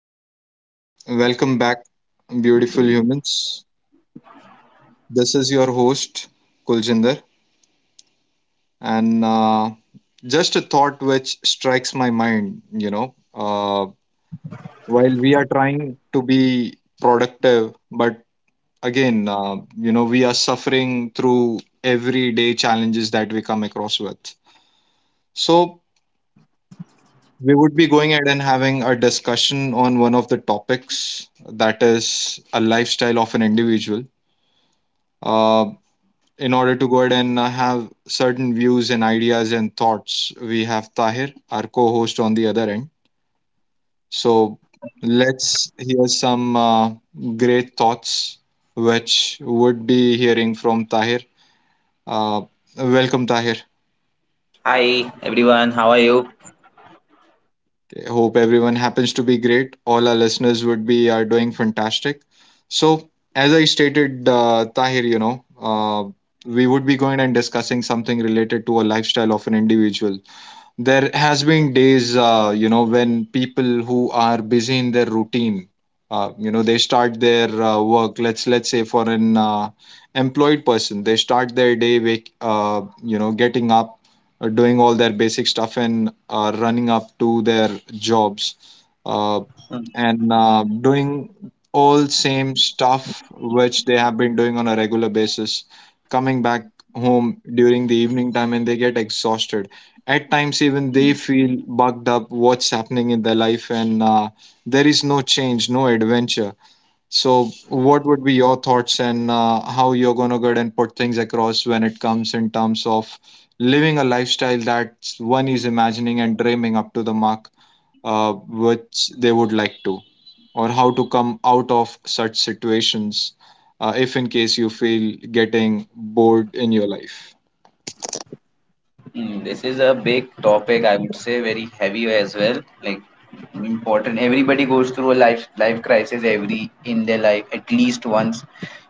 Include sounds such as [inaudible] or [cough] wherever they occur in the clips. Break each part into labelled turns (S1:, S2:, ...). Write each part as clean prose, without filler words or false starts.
S1: welcome back, beautiful humans. This is your host Kuljinder, and just a thought which strikes my mind. While we are trying to be productive, but again, we are suffering through everyday challenges that we come across with. So we would be going ahead and having a discussion on one of the topics that is a lifestyle of an individual. Uh, in order to go ahead and have certain views and ideas and thoughts, we have Tahir, our co host, on the other end. So let's hear some great thoughts, which would be hearing from Tahir. Uh, Welcome, Tahir.
S2: Hi everyone, how are you?
S1: Okay, hope everyone happens to be great. All our listeners would be are doing fantastic. So, as I stated, Tahir, we would be going and discussing something related to a lifestyle of an individual. There has been days, when people who are busy in their routine, they start their work. Let's say, for an employed person, they start their day, wake you know getting up, doing all their basic stuff, and running up to their jobs, uh, and doing all same stuff which they have been doing on a regular basis, coming back home during the evening time, and they get exhausted. At times even they feel bugged up what's happening in their life, and there is no change, no adventure. So what would be your thoughts, and how you're going to get and put things across when it comes in terms of living a lifestyle that one is imagining and dreaming up to the mark, uh, which they would like to, or how to come out of such situations, if in case you feel getting bored in your life?
S2: This is a big topic, I would say. Very heavy as well. Like important. Everybody goes through a life crisis every in their life at least once.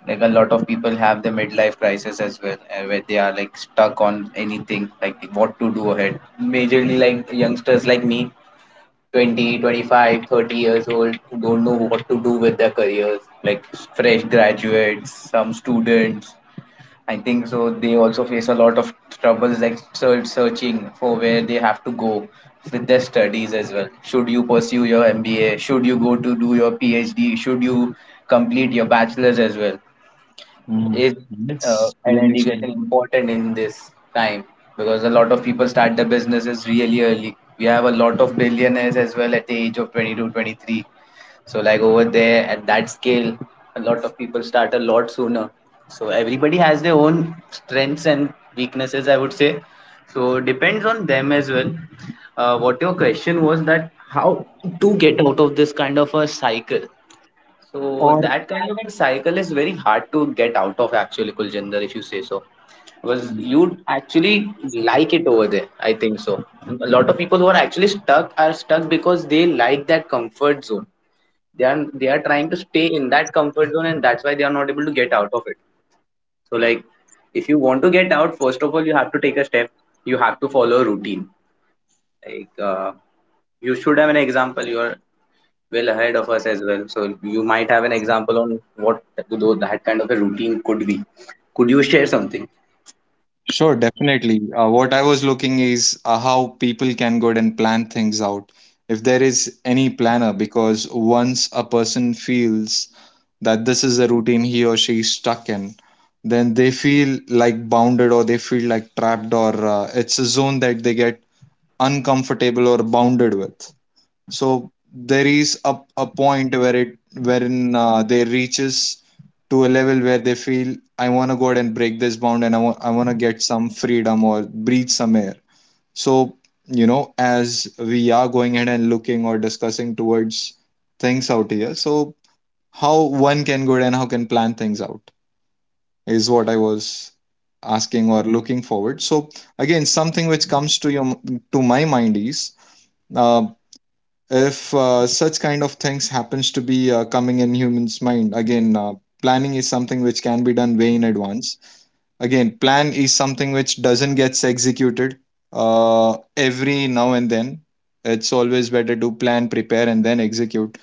S2: Like a lot of people have the midlife crisis as well, where they are like stuck on anything, like what to do ahead. Majorly like youngsters like me, 20, 25, 30 years old, who don't know what to do with their careers. Like fresh graduates, some students, I think so. They also face a lot of troubles, like searching for where they have to go with their studies as well. Should you pursue your MBA? Should you go to do your PhD? Should you complete your bachelor's as well?
S1: Mm.
S2: Is
S1: That's
S2: an
S1: an
S2: education important in this time? Because a lot of people start their businesses really early. We have a lot of billionaires as well at the age of 22, 23. So like, over there at that scale, a lot of people start a lot sooner. So everybody has their own strengths and weaknesses, I would say. So depends on them as well. What your question was, that how to get out of this kind of a cycle. So
S1: or.
S2: that kind of a cycle is very hard to get out of, actually, Kuljinder, if you say so, because you actually like it over there, I think so. A lot of people who are actually stuck are stuck because they like that comfort zone. They are trying to stay in that comfort zone, and that's why they are not able to get out of it. So like, if you want to get out, first of all, you have to take a step. You have to follow a routine. Like, you should have an example. You are well ahead of us as well, so you might have an example on what that kind of a routine could be. Could you share something?
S1: Sure, definitely. What I was looking is, how people can go and plan things out. If there is any planner, because once a person feels that this is the routine he or she is stuck in, then they feel like bounded, or they feel like trapped, or it's a zone that they get uncomfortable or bounded with. So there is a point where it, wherein they reaches to a level where they feel I want to go out and break this bound, and I want, I want to get some freedom or breathe some air. So as we are going ahead and looking or discussing towards things out here, so how one can go ahead and how can plan things out is what I was asking or looking forward. So again something which comes to your, to my mind is, uh, if such kind of things happens to be coming in humans mind again. Planning is something which can be done way in advance. Again, plan is something which doesn't gets executed every now and then. It's always better to plan, prepare and then execute,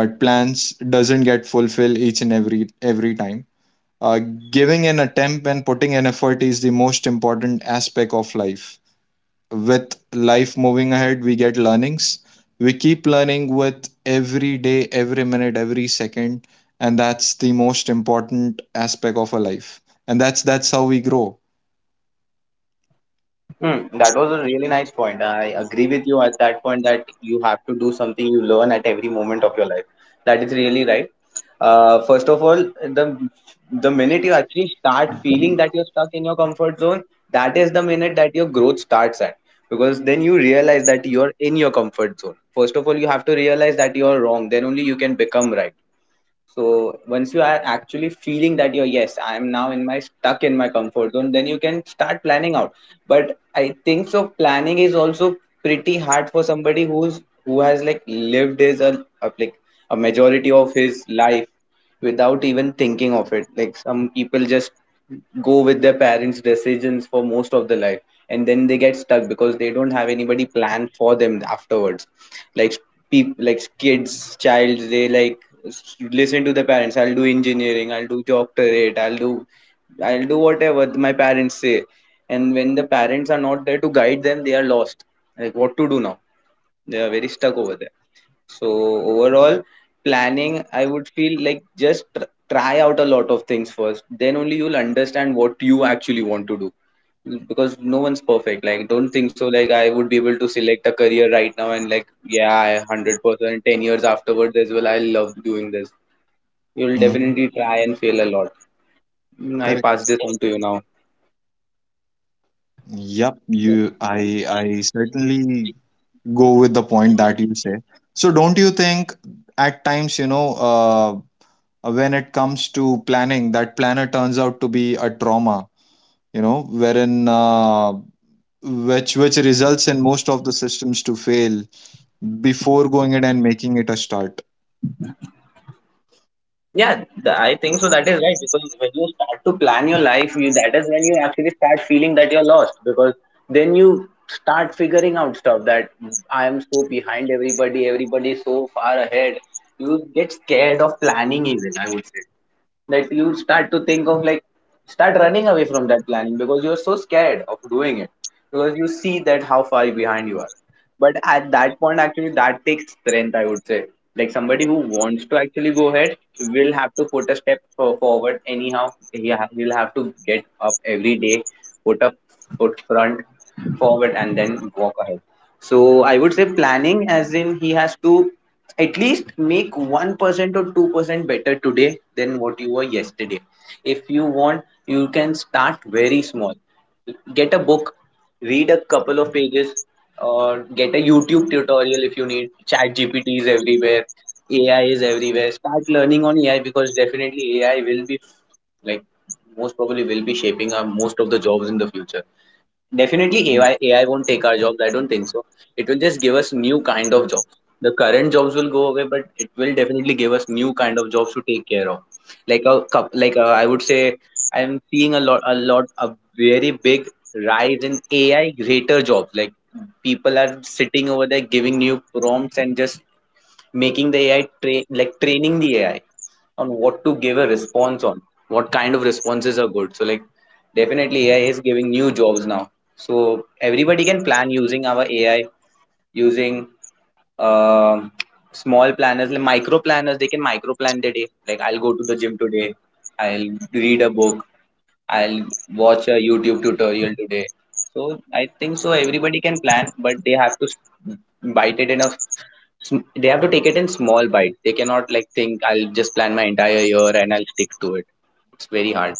S1: but plans doesn't get fulfilled each and every time. uh, Giving an attempt and putting an effort is the most important aspect of life. With life moving ahead we get learnings. We keep learning with every day, every minute, every second, and that's the most important aspect of a life, and that's how we grow.
S2: Hmm, that was a really nice point. I agree with you at that point, that you have to do something, you learn at every moment of your life. That is really right. First of all, the the minute you actually start feeling that you're stuck in your comfort zone, that is the minute that your growth starts at. Because then you realize that you're in your comfort zone. First of all, you have to realize that you're wrong. Then only you can become right. So once you are actually feeling that, you're, yes, I am now in my stuck in my comfort zone, then you can start planning out. But I think so, planning is also pretty hard for somebody who's, who has like lived his like, a majority of his life without even thinking of it. Like some people just go with their parents' decisions for most of the life, and then they get stuck because they don't have anybody plan for them afterwards. Like, people like kids, child, they like, listen to the parents, I'll do engineering, I'll do doctorate, I'll do, I'll do whatever my parents say. And when the parents are not there to guide them, they are lost. Like, what to do now? They are very stuck over there. So overall, planning, I would feel like, just try out a lot of things first. Then only you'll understand what you actually want to do. Because no one's perfect. Like, don't think so. Like, I would be able to select a career right now and like, yeah, I 100%, 10 years afterwards as well, I love doing this. You'll
S1: Mhm.
S2: definitely try and fail a lot. I
S1: Correct.
S2: pass this on to you now.
S1: Yep, you I certainly go with the point that you say. So don't you think at times, when it comes to planning, that planner turns out to be a trauma, wherein, which results in most of the systems to fail before going in and making it a start?
S2: Yeah, I think so. That is right, because when you start to plan your life, you, that is when you actually start feeling that you're lost, because then you start figuring out stuff that, I am so behind everybody, everybody is so far ahead. You get scared of planning even, I would say. That you start to think of like, start running away from that planning, because you're so scared of doing it, because you see that how far behind you are. But at that point actually that takes strength, I would say. Like, somebody who wants to actually go ahead will have to put a step forward anyhow. He ha- he'll have to get up every day, put a foot front, forward, and then walk ahead. So I would say planning, as in, he has to at least make 1% or 2% better today than what you were yesterday. If you want, you can start very small. Get a book, read a couple of pages, or get a YouTube tutorial if you need. Chat gpt is everywhere. AI is everywhere. Start learning on AI, because definitely AI will be, like, most probably will be shaping up most of the jobs in the future. Definitely AI, AI won't take our jobs. I don't think so. It will just give us new kind of jobs. The current jobs will go away, but it will definitely give us new kind of jobs to take care of. Like a cup, like a, I would say, I'm seeing a very big rise in AI greater jobs. Like, people are sitting over there giving new prompts and just making the AI like training the AI on what to give a response on, what kind of responses are good. So like, definitely AI is giving new jobs now. So everybody can plan using our AI, using um small planners, like micro planners. They can micro plan their day. Like, I'll go to the gym today. I'll read a book. I'll watch a YouTube tutorial today. So I think so everybody can plan, but they have to bite it in a they have to take it in small bite. They cannot like think, I'll just plan my entire year and I'll stick to it. It's very hard.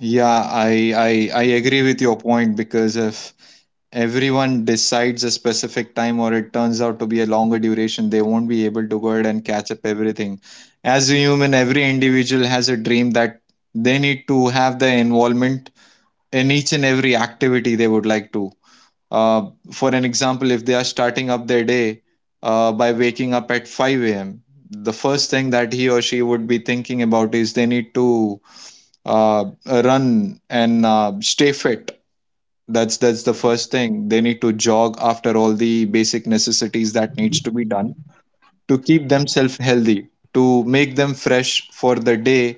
S1: Yeah, I agree with your point, because if everyone decides a specific time, or it turns out to be a longer duration, they won't be able to go ahead and catch up everything. As a human every individual has a dream that they need to have the involvement in each and every activity they would like to. Uh, for an example, if they are starting up their day by waking up at 5 a.m., the first thing that he or she would be thinking about is they need to run and stay fit. That's the first thing. They need to jog after all the basic necessities that needs to be done to keep themselves healthy, to make them fresh for the day,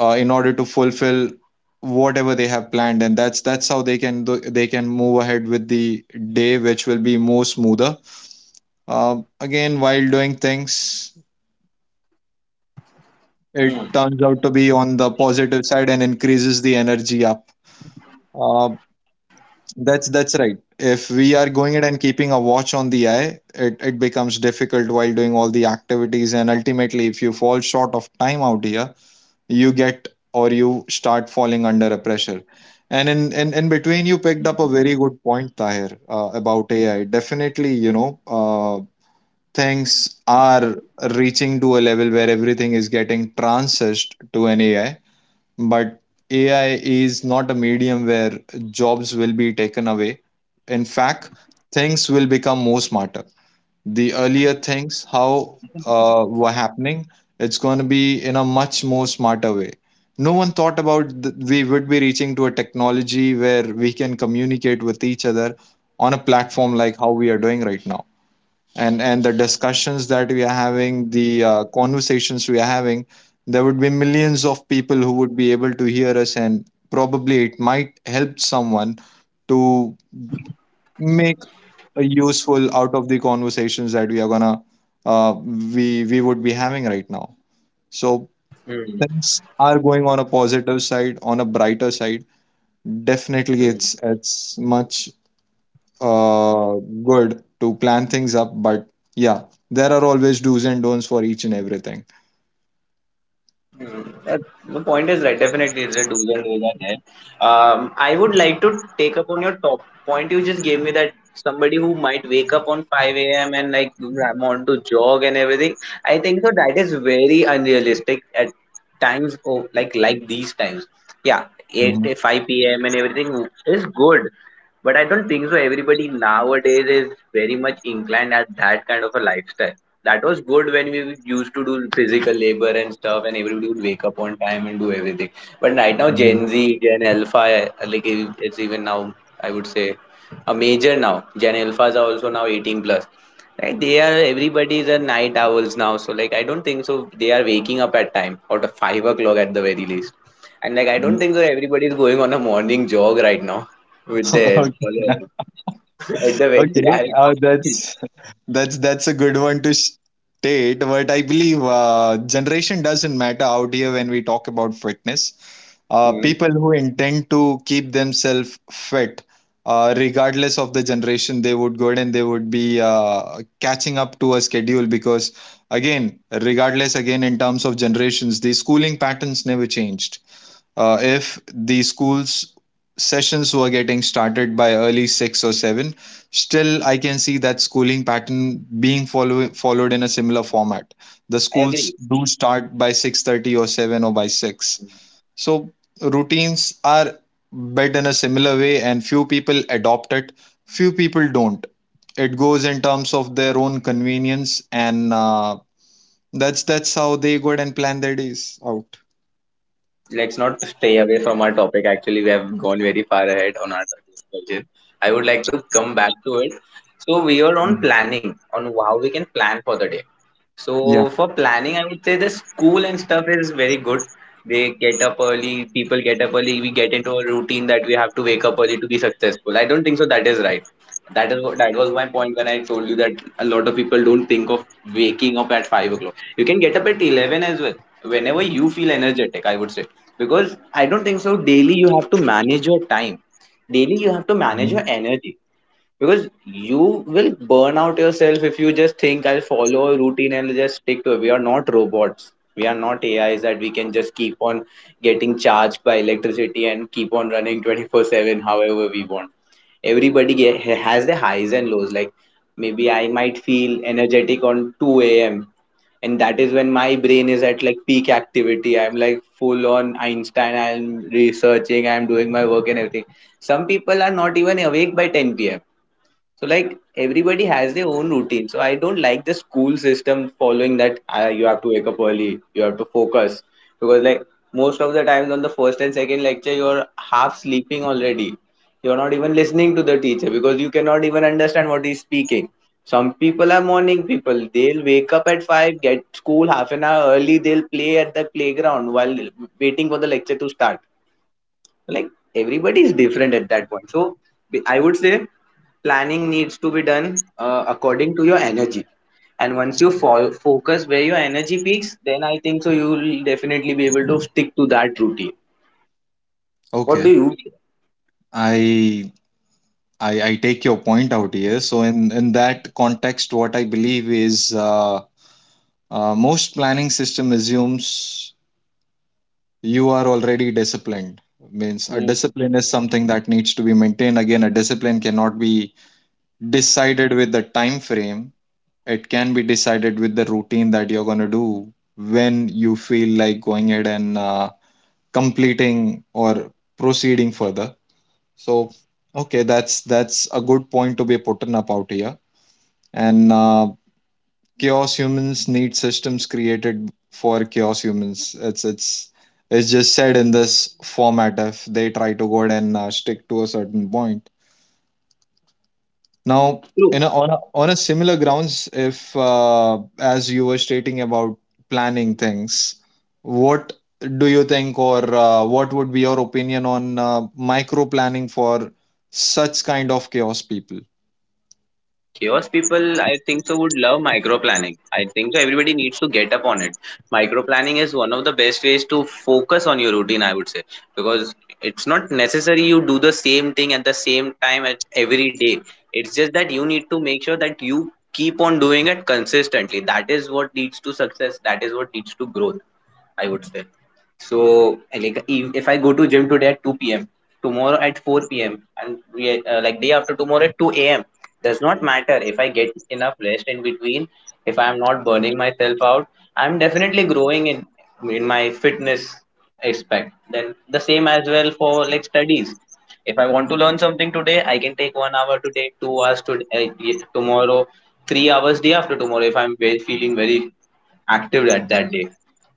S1: in order to fulfill whatever they have planned. And that's how they can do, they can move ahead with the day which will be more smoother. Um, again while doing things it
S2: Hmm.
S1: turns out to be on the positive side and increases the energy up. uh, that's right. If we are going it and keeping a watch on the eye, it becomes difficult while doing all the activities, and ultimately if you fall short of time out here you get, or you start falling under a pressure. And in between you picked up a very good point, Tahir, about AI. Definitely, things are reaching to a level where everything is getting transessed to an AI. But AI is not a medium where jobs will be taken away. In fact, things will become more smarter. The earlier things how were happening, it's going to be in a much more smarter way. No one thought about we would be reaching to a technology where we can communicate with each other on a platform like how we are doing right now. And the discussions that we are having, the conversations we are having, there would be millions of people who would be able to hear us, and probably it might help someone to make useful out of the conversations that we are gonna, we would be having right now. So things are going on a positive side, on a brighter side. Definitely,
S2: Hmm.
S1: it's much uh, good to plan things up, but yeah, there are always do's and don'ts for each and everything.
S2: Hmm, that, the point is right. Definitely, it's a do's and don'ts are there. I would like to take up on your top point you just gave me, that somebody who might wake up on 5 a.m. and like want to jog and everything. I think so, that is very unrealistic at times. Oh, like these times. Yeah, 8,
S1: Mhm,
S2: 5 p.m. and everything is good. But I don't think so, everybody nowadays is very much inclined at that kind of a lifestyle. That was good when we used to do physical labor and stuff, and everybody would wake up on time and do everything. But right now,
S1: mhm,
S2: Gen Z, Gen Alpha, like it's even now, I would say, a major now. Gen Alphas are also now 18 plus. Like, they are, everybody is a night owls now. So like, I don't think so, they are waking up at time, out of 5 o'clock at the very least. And like, I don't
S1: mhm.
S2: think so, everybody is going on a morning jog right now with the
S1: [laughs]
S2: help [laughs] at the very
S1: Okay,
S2: I, [laughs]
S1: that's a good one to state. But I believe generation doesn't matter out here when we talk about fitness.
S2: Hmm,
S1: People who intend to keep themselves fit, regardless of the generation, they would go and they would be catching up to a schedule. Because, again, regardless again in terms of generations, the schooling patterns never changed. If the school's sessions were getting started by early 6 or 7, still I can see that schooling pattern being followed in a similar format. The
S2: I
S1: schools
S2: agree.
S1: do start by 6:30 or 7 or by 6, so routines are built in a similar way, and few people adopt it, few people don't. It goes in terms of their own convenience, and that's how they go and plan their days out.
S2: Let's not stay away from our topic. Actually, we have gone very far ahead on our discussion. I would like to come back to it. So we are on
S1: Mm.
S2: planning, on how we can plan for the day.
S1: Yeah.
S2: So for planning, I would say, the school and stuff is very good. They get up early, people get up early, we get into a routine that we have to wake up early to be successful. I don't think so that is right. That is what, that was my point when I told you that a lot of people don't think of waking up at 5 o'clock. You can get up at 11 as well. Whenever you feel energetic, I would say. Because I don't think so, daily you have to manage your time. Daily you have to manage
S1: Mhm.
S2: your energy, because you will burn out yourself if you just think, I'll follow a routine and just stick to it. We are not robots. We are not AIs that we can just keep on getting charged by electricity and keep on running 24/7 however we want. Everybody has the highs and lows. Like maybe I might feel energetic on 2 a.m. and that is when my brain is at like peak activity. I'm like full on Einstein. I'm researching. I'm doing my work and everything. Some people are not even awake by 10 p.m, so like everybody has their own routine. So I don't like the school system following that, you have to wake up early, you have to focus, because like, most of the times on the first and second lecture, you're half sleeping already. You're not even listening to the teacher because you cannot even understand what he's speaking. Some people are morning people. They'll wake up at five, get school half an hour early. They'll play at the playground while waiting for the lecture to start. Like, everybody is different at that point, so I would say planning needs to be done according to your energy. And once you focus where your energy peaks, then I think so you will definitely be able to stick to that routine. What do
S1: Okay,
S2: you
S1: I I take your point out here. So in that context, what I believe is, most planning system assumes you are already disciplined. Means a
S2: think?
S1: discipline is something that needs to be maintained. Again, a discipline cannot be decided with the time frame. It can be decided with the routine that you're going to do when you feel like going ahead and completing or proceeding further. So, okay, that's a good point to be put in up out here. And chaos humans need systems created for chaos humans. It's just said in this format if they try to go ahead and stick to a certain point. Now,
S2: Hmm.
S1: on a similar grounds, if as you were stating about planning things, what do you think, or what would be your opinion on micro planning for such kind of chaos people?
S2: Chaos people, I think so, would love micro planning. I think so everybody needs to get up on it. Micro planning is one of the best ways to focus on your routine, I would say. Because it's not necessary you do the same thing at the same time at every day. It's just that you need to make sure that you keep on doing it consistently. That is what leads to success, that is what leads to growth, I would say. So like, if I go to gym today at 2 p.m, tomorrow at 4 p.m, and like day after tomorrow at 2 a.m, does not matter. If I get enough rest in between, if I'm not burning myself out, I'm definitely growing in my fitness aspect. Then the same as well for like studies. If I want to learn something today, I can take 1 hour today, 2 hours today, tomorrow, 3 hours day after tomorrow, if I'm feeling very active at that day.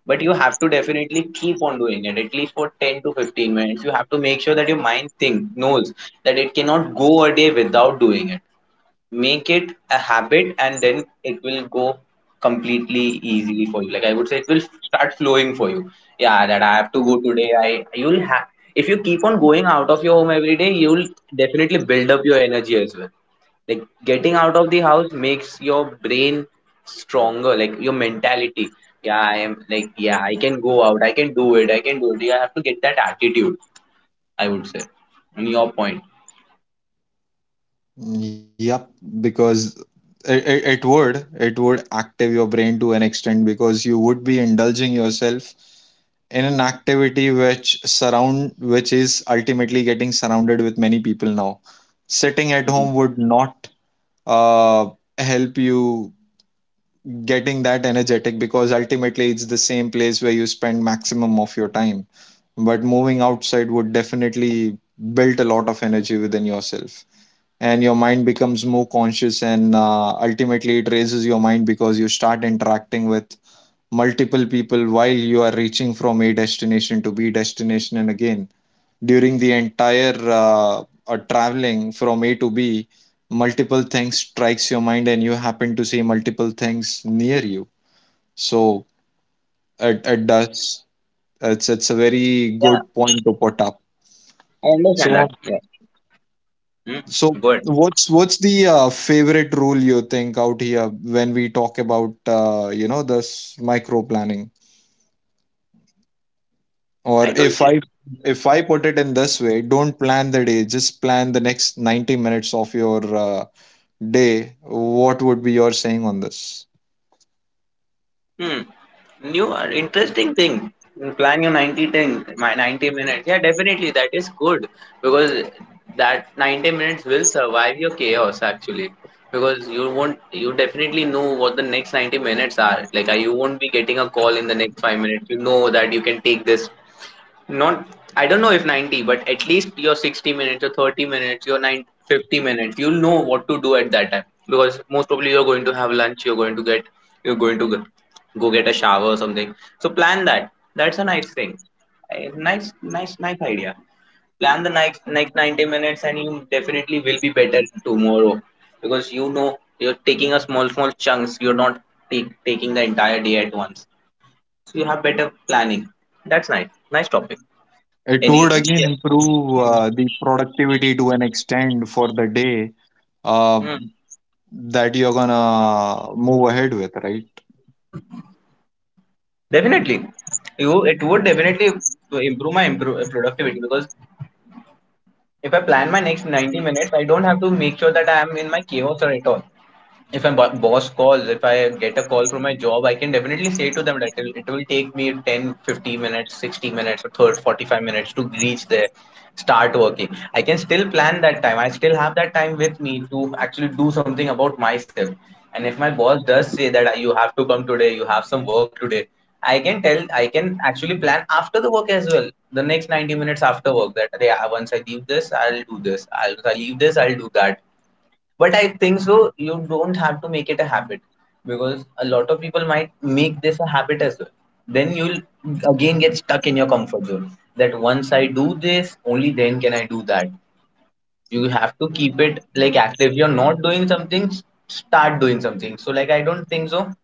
S2: But you have to definitely keep on doing it at least for 10 to 15 minutes. You have to make sure that your mind think knows that it cannot go a day without doing it. Make it a habit and then it will go completely easily for you. Like, I would say it will start flowing for you. Yeah, that I have to go today. I you'll have If you keep on going out of your home every day, you'll definitely build up your energy as well. Like, getting out of the house makes your brain stronger, like your mentality. Yeah, I am like, yeah, I can go out, I can do it, I can do it. You have to get that attitude, I would say, in your point.
S1: Yep, because it would, it would active your brain to an extent, because you would be indulging yourself in an activity which surround, which is ultimately getting surrounded with many people now. Sitting at home
S2: Mhm.
S1: would not uh help you getting that energetic, because ultimately it's the same place where you spend maximum of your time. But moving outside would definitely build a lot of energy within yourself, and your mind becomes more conscious, and ultimately it raises your mind, because you start interacting with multiple people while you are reaching from a destination to b destination. And again during the entire traveling from a to b, multiple things strikes your mind and you happen to see multiple things near you. So it does, it's a very good
S2: Yeah,
S1: point to put up.
S2: I understand
S1: so
S2: that, yeah. Hmm?
S1: So
S2: Go ahead.
S1: what's the favorite rule you think out here when we talk about this micro planning? Or
S2: I don't see.
S1: if I put it in this way, don't plan the day, just plan the next 90 minutes of your day. What would be your saying on this?
S2: Hmm. New interesting thing. Plan your 90 thing, my 90 minutes. Yeah, definitely that is good because that 90 minutes will survive your chaos actually. Because you won't, you definitely know what the next 90 minutes are. Like, you won't be getting a call in the next 5 minutes. You know that you can take this. Not, I don't know if 90, but at least your 60 minutes, your 30 minutes, your 9 50 minutes, you'll know what to do at that time because most probably you're going to have lunch, you're going to go get a shower or something. So plan that. That's a nice thing. Nice, nice, nice idea. Plan the next 90 minutes, and you definitely will be better tomorrow because you know you're taking a small, small chunks. You're not taking the entire day at once. So you have better planning. That's nice. Nice topic.
S1: It
S2: Any.
S1: would again improve
S2: Hmm.
S1: the productivity to an extent for the day, uh,
S2: Hmm.
S1: that you're gonna move ahead with, right?
S2: Definitely, you it would definitely improve my productivity because if I plan my next 90 minutes, I don't have to make sure that I am in my chaos or at all. If my boss calls, if I get a call from my job, I can definitely say to them that it will take me 10 15 minutes, 60 minutes, or third 45 minutes to reach there, start working. I can still plan that time, I still have that time with me to actually do something about myself. And if my boss does say that, "Ah, you have to come today, you have some work today," I can tell, I can actually plan after the work as well, the next 90 minutes after work. That yeah, once I leave this, I'll do this. Once I leave this, I'll do that. But I think so, you don't have to make it a habit because a lot of people might make this a habit as well. Then you'll again get stuck in your comfort zone, that once I do this, only then can I do that. You have to keep it like active. You're not doing something, start doing something. So, like, I don't think so.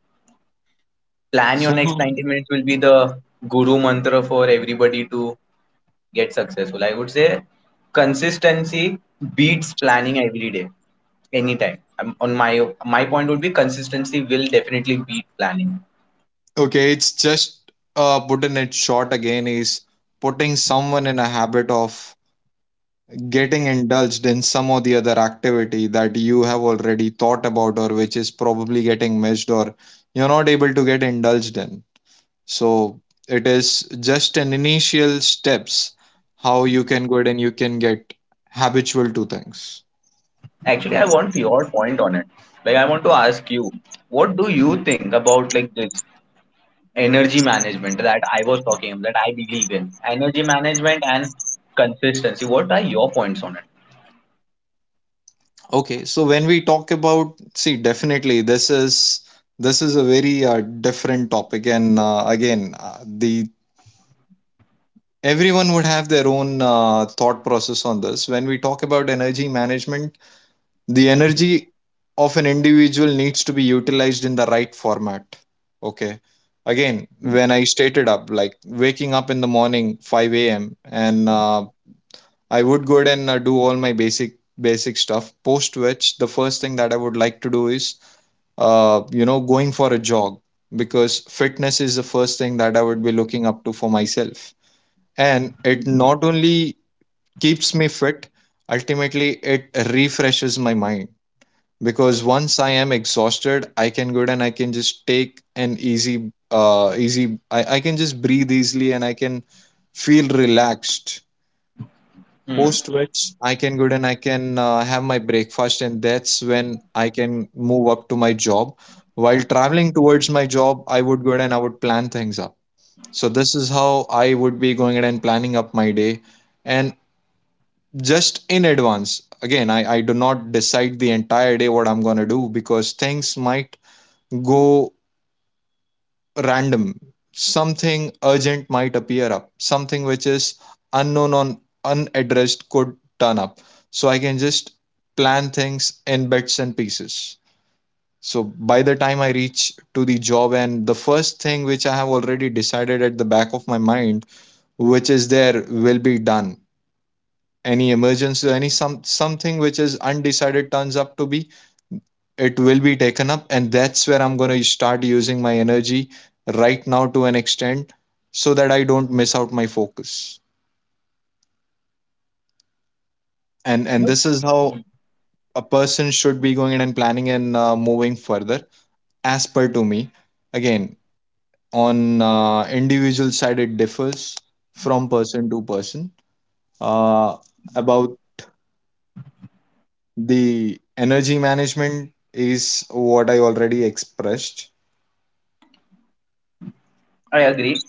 S2: Plan your
S1: So
S2: next 90 minutes will be the guru mantra for everybody to get successful. I would say consistency beats planning every day, anytime. On my point would be consistency will definitely beat planning.
S1: Okay, it's just putting it short again is putting someone in a habit of getting indulged in some or the other activity that you have already thought about, or which is probably getting missed, or you're not able to get indulged in. So it is just an initial steps how you can go ahead and you can get habitual to things.
S2: Actually, I want your point on it. Like, I want to ask you, what do you think about like this energy management that I was talking about, that I believe in? Energy management and consistency. What are your points on it?
S1: Okay, so when we talk about, see, definitely this is a very different topic, and again, the everyone would have their own thought process on this. When we talk about energy management, the energy of an individual needs to be utilized in the right format. Okay, again, when I stated up, like waking up in the morning, 5 a.m., and I would go ahead and do all my basic stuff. Post which, the first thing that I would like to do is going for a jog, because fitness is the first thing that I would be looking up to for myself. And it not only keeps me fit, ultimately, it refreshes my mind, because once I am exhausted, I can go and I can just take an easy, I can just breathe easily and I can feel relaxed,
S2: Hmm.
S1: post which I can go and I can have my breakfast, and that's when I can move up to my job. While traveling towards my job, I would go and I would plan things up. So this is how I would be going ahead and planning up my day, and just in advance. Again, I do not decide the entire day what I'm gonna do, because things might go random, something urgent might appear up, something which is unknown on unaddressed could turn up. So I can just plan things in bits and pieces. So by the time I reach to the job, and the first thing which I have already decided at the back of my mind, which is there, will be done. Any emergency, any some, something which is undecided turns up to be, it will be taken up, and that's where I'm going to start using my energy right now to an extent, so that I don't miss out my focus. And
S2: Nope.
S1: this is how
S2: Hmm.
S1: a person should be going in and planning and moving further, as per to me. Again, on individual side, it differs from person to person. uh, about the energy management is what I already expressed.
S2: I agree.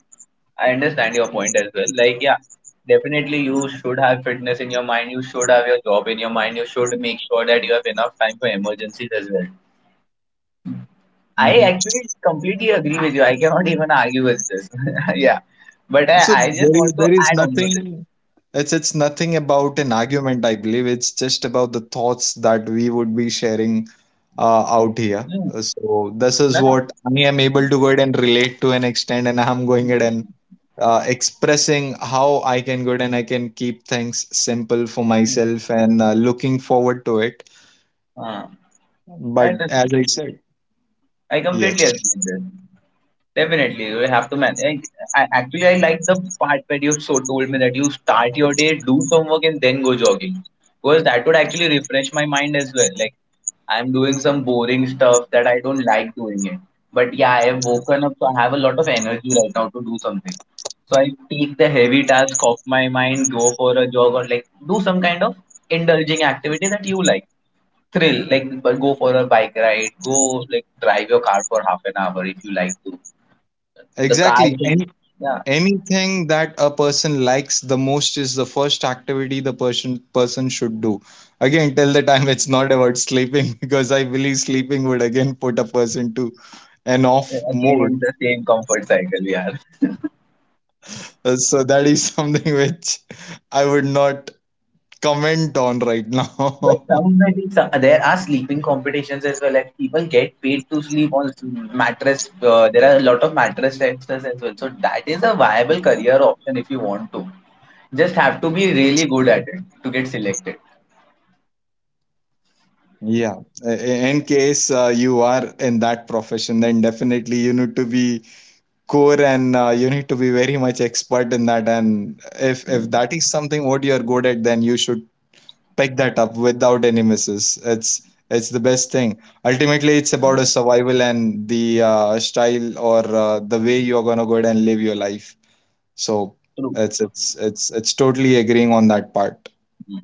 S2: I understand your point as well. Like, yeah, definitely you should have fitness in your mind. You should have your job in your mind. You should make sure that you have enough time for emergencies as well. I
S1: Hmm.
S2: actually completely agree with you. I cannot even argue with this. [laughs] Yeah. But
S1: So
S2: I just
S1: there is,
S2: want to
S1: there is
S2: add on to this.
S1: nothing. It's nothing about an argument. I believe it's just about the thoughts that we would be sharing out here.
S2: Hmm.
S1: So this
S2: No,
S1: is
S2: no.
S1: what I am able
S2: Hmm.
S1: to go ahead and relate to an extent, and I'm going ahead and
S2: Hmm.
S1: expressing how I can go ahead and I can keep things simple for
S2: Hmm.
S1: myself and looking forward to it.
S2: Uh, I
S1: But
S2: understand.
S1: as I said,
S2: I completely
S1: yes,
S2: agree with this. Definitely, you have to manage. Actually, I like the part where you so told me that you start your day, do some work, and then go jogging. Because that would actually refresh my mind as well. Like, I'm doing some boring stuff that I don't like doing it. But yeah, I have woken up, so I have a lot of energy right now to do something. So I take the heavy task off my mind, go for a jog, or like do some kind of indulging activity that you like. Thrill, like go for a bike ride, go like drive your car for half an hour if you like to the car
S1: exactly.
S2: thing,
S1: Any
S2: yeah.
S1: anything that a person likes the most is the first activity the person should do. Again, till the time it's not about sleeping [laughs] because I believe sleeping would again put a person to an off
S2: Again, in
S1: mode.
S2: the same comfort cycle we are.
S1: So that is [laughs] something which I would not comment on right
S2: But
S1: now. [laughs]
S2: somebody, there are sleeping competitions as well, like people get paid to sleep on mattress. There are a lot of mattress testers as well, so that is a viable career option if you want to. Just have to be really good at it to get selected.
S1: Yeah, I- in case you are in that profession, then definitely you need to be core, and you need to be very much expert in that. And if that
S2: Mm,
S1: is something what you're good at, then you should pick that up without any misses. It's the best thing. Ultimately, it's
S2: mm,
S1: about a survival and the style or the way you're going to go ahead and live your life. So
S2: true.
S1: it's totally agreeing on that part.
S2: Mm-hmm.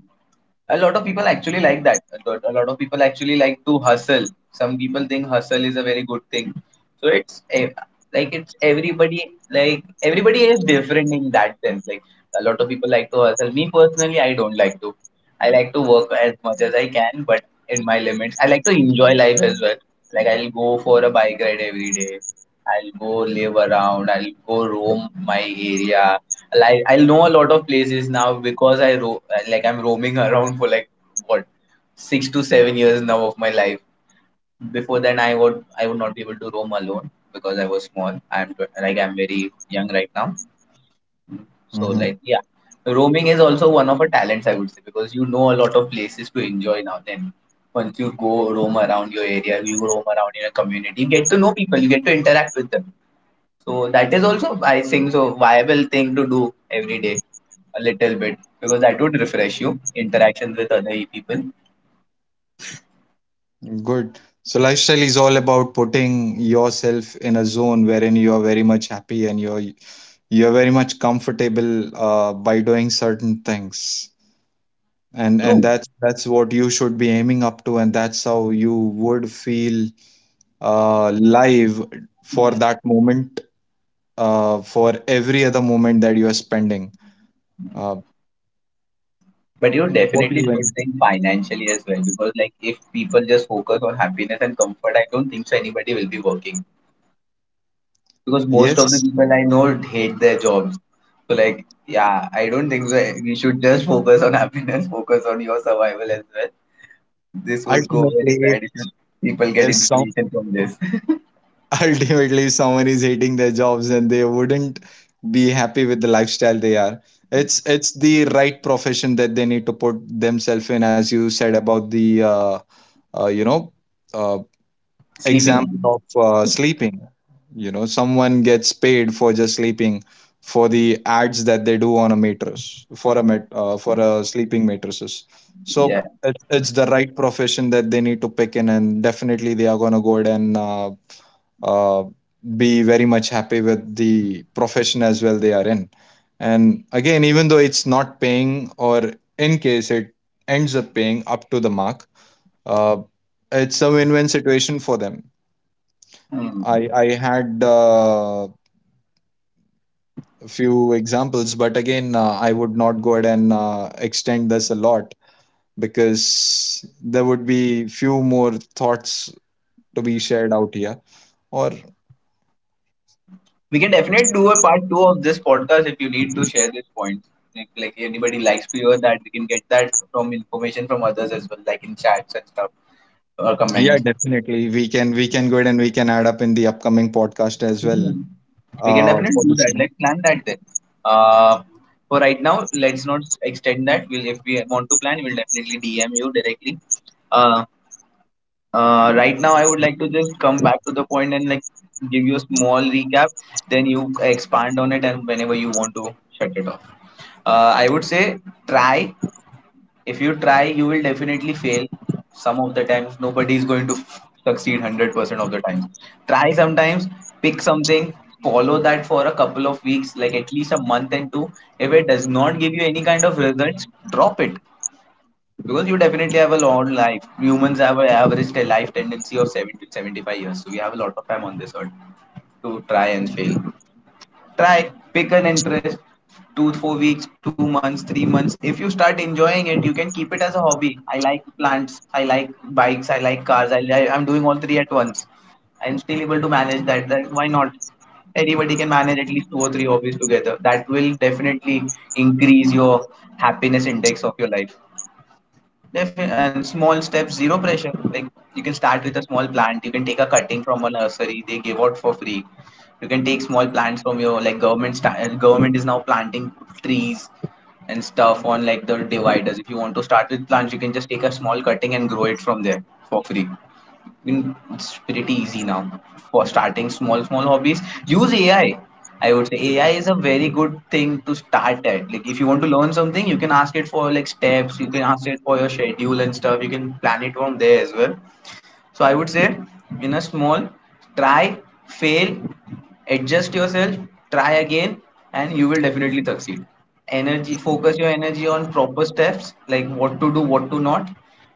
S2: A lot of people actually like that. A of people actually like to hustle. Some people think hustle is a very good thing. So it's like, it's everybody. Like, everybody is different in that sense. Like, a lot of people like to hustle. Me personally, I don't like to. I like to work as much as I can, but in my limits, I like to enjoy life as well. Like, I'll go for a bike ride every day. I'll go live around, I'll go roam my area. Like, I know a lot of places now because I like, I'm roaming [laughs] around for like, what, 6 to 7 years now of my life. Before then, I would not be able to roam alone because I was small. I'm like, I'm very young right now, so
S1: Mhm.
S2: like, yeah, roaming is also one of our talents, I would say, because you know a lot of places to enjoy now. Then once you go roam around your area, you roam around in a community, you get to know people, you get to interact with them, so that is also, I think, so viable thing to do every day a little bit because that would refresh you interactions with other people.
S1: Good. So lifestyle is all about putting yourself in a zone wherein you are very much happy, and you're very much comfortable by doing certain things. And
S2: True.
S1: that's what you should be aiming up to, and that's how you would feel, live for
S2: Hmm.
S1: that moment, for every other moment that you are spending. Uh,
S2: But you
S1: what do
S2: definitely
S1: you mean?
S2: should think financially as well because like, if people just focus on happiness and comfort, I don't think so anybody will be working because most of the
S1: Yes,
S2: people I know hate their jobs. So like, yeah, I don't think so. We should just focus on happiness, focus on your survival as well. This would go
S1: ultimately,
S2: very bad if people get
S1: if some,
S2: inspiration from this.
S1: [laughs] ultimately if someone is hating their jobs and they wouldn't be happy with the lifestyle they are, it's the right profession that they need to put themselves in. As you said about the uh, you know uh,
S2: Sleeping
S1: example
S2: on.
S1: of sleeping, you know, someone gets paid for just sleeping for the ads that they do on a mattress for a met, for a sleeping mattresses. So
S2: Yeah.
S1: it's the right profession that they need to pick in, and definitely they are going to go ahead and uh, be very much happy with the profession as well they are in. And again, even though it's not paying, or in case it ends up paying up to the mark, uh, it's a win-win situation for them.
S2: Hmm.
S1: I had a few examples, but again, I would not go ahead and extend this a lot, because there would be few more thoughts to be shared out here, or
S2: We can definitely do a part two of this podcast if you need to share this point. Like, anybody likes to hear that, we can get that from information from others as well, like in chats and stuff or
S1: Yeah,
S2: comments.
S1: definitely. We can go ahead and we can add up in the upcoming podcast as
S2: Hmm.
S1: well
S2: We can definitely
S1: for
S2: do
S1: the
S2: that.
S1: same.
S2: Like, plan that then. Uh, for right now, let's not extend that. If we want to plan, we'll definitely DM you directly. Uh, right now, I would like to just come back to the point and like give you a small recap. Then you expand on it, and whenever you want to shut it off. I would say try. If you try, you will definitely fail. Some of the times, nobody is going to succeed 100% of the times. Try sometimes, pick something, follow that for a couple of weeks, like at least a month and two. If it does not give you any kind of results, drop it because you definitely have a long life. Humans have an average life tendency of 70 to 75 years, so we have a lot of time on this earth to try and fail. Try, pick an interest, 2 4 weeks, 2 months, 3 months. If you start enjoying it, you can keep it as a hobby. I like plants, I like bikes, I like cars. I'm doing all three at once. I'm still able to manage that, why not. Everybody can manage at least two or three hobbies together. That will definitely increase your happiness index of your life. Definitely, and small steps, zero pressure. Like, you can start with a small plant. You can take a cutting from a nursery; they give out for free. You can take small plants from your like government. Government is now planting trees and stuff on like the dividers. If you want to start with plants, you can just take a small cutting and grow it from there for free. It's pretty easy now for starting small hobbies. Use AI. I would say AI is a very good thing to start at. Like, if you want to learn something, you can ask it for like steps, you can ask it for your schedule and stuff, you can plan it from there as well. So I would say, in a small, try, fail, adjust yourself, try again, and you will definitely succeed. Energy, focus your energy on proper steps, like what to do, what to not.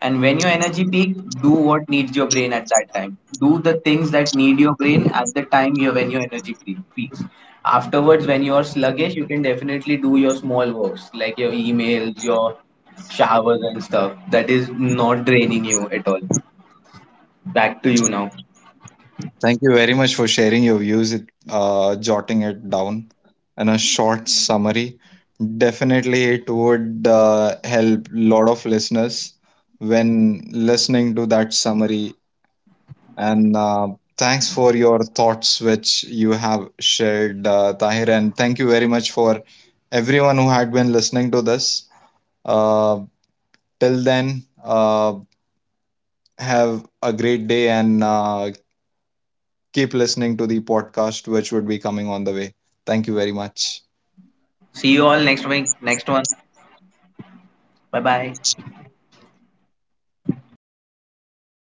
S2: And when your energy peak, do what needs your brain at that time. Do the things that need your brain at the time you when your energy peaks. Afterwards, when you are sluggish, you can definitely do your small works like your emails, your showers and stuff, that is not draining you at all. Back to you now.
S1: Thank you very much for sharing your views, it, jotting it down in a short summary. Definitely, it would help lot of listeners when listening to that summary. And thanks for your thoughts which you have shared, Tahir. And thank you very much for everyone who had been listening to this. Uh, Till then, have a great day, and keep listening to the podcast, which would be coming on the way. Thank you very much.
S2: See you all next week, next one. Bye bye.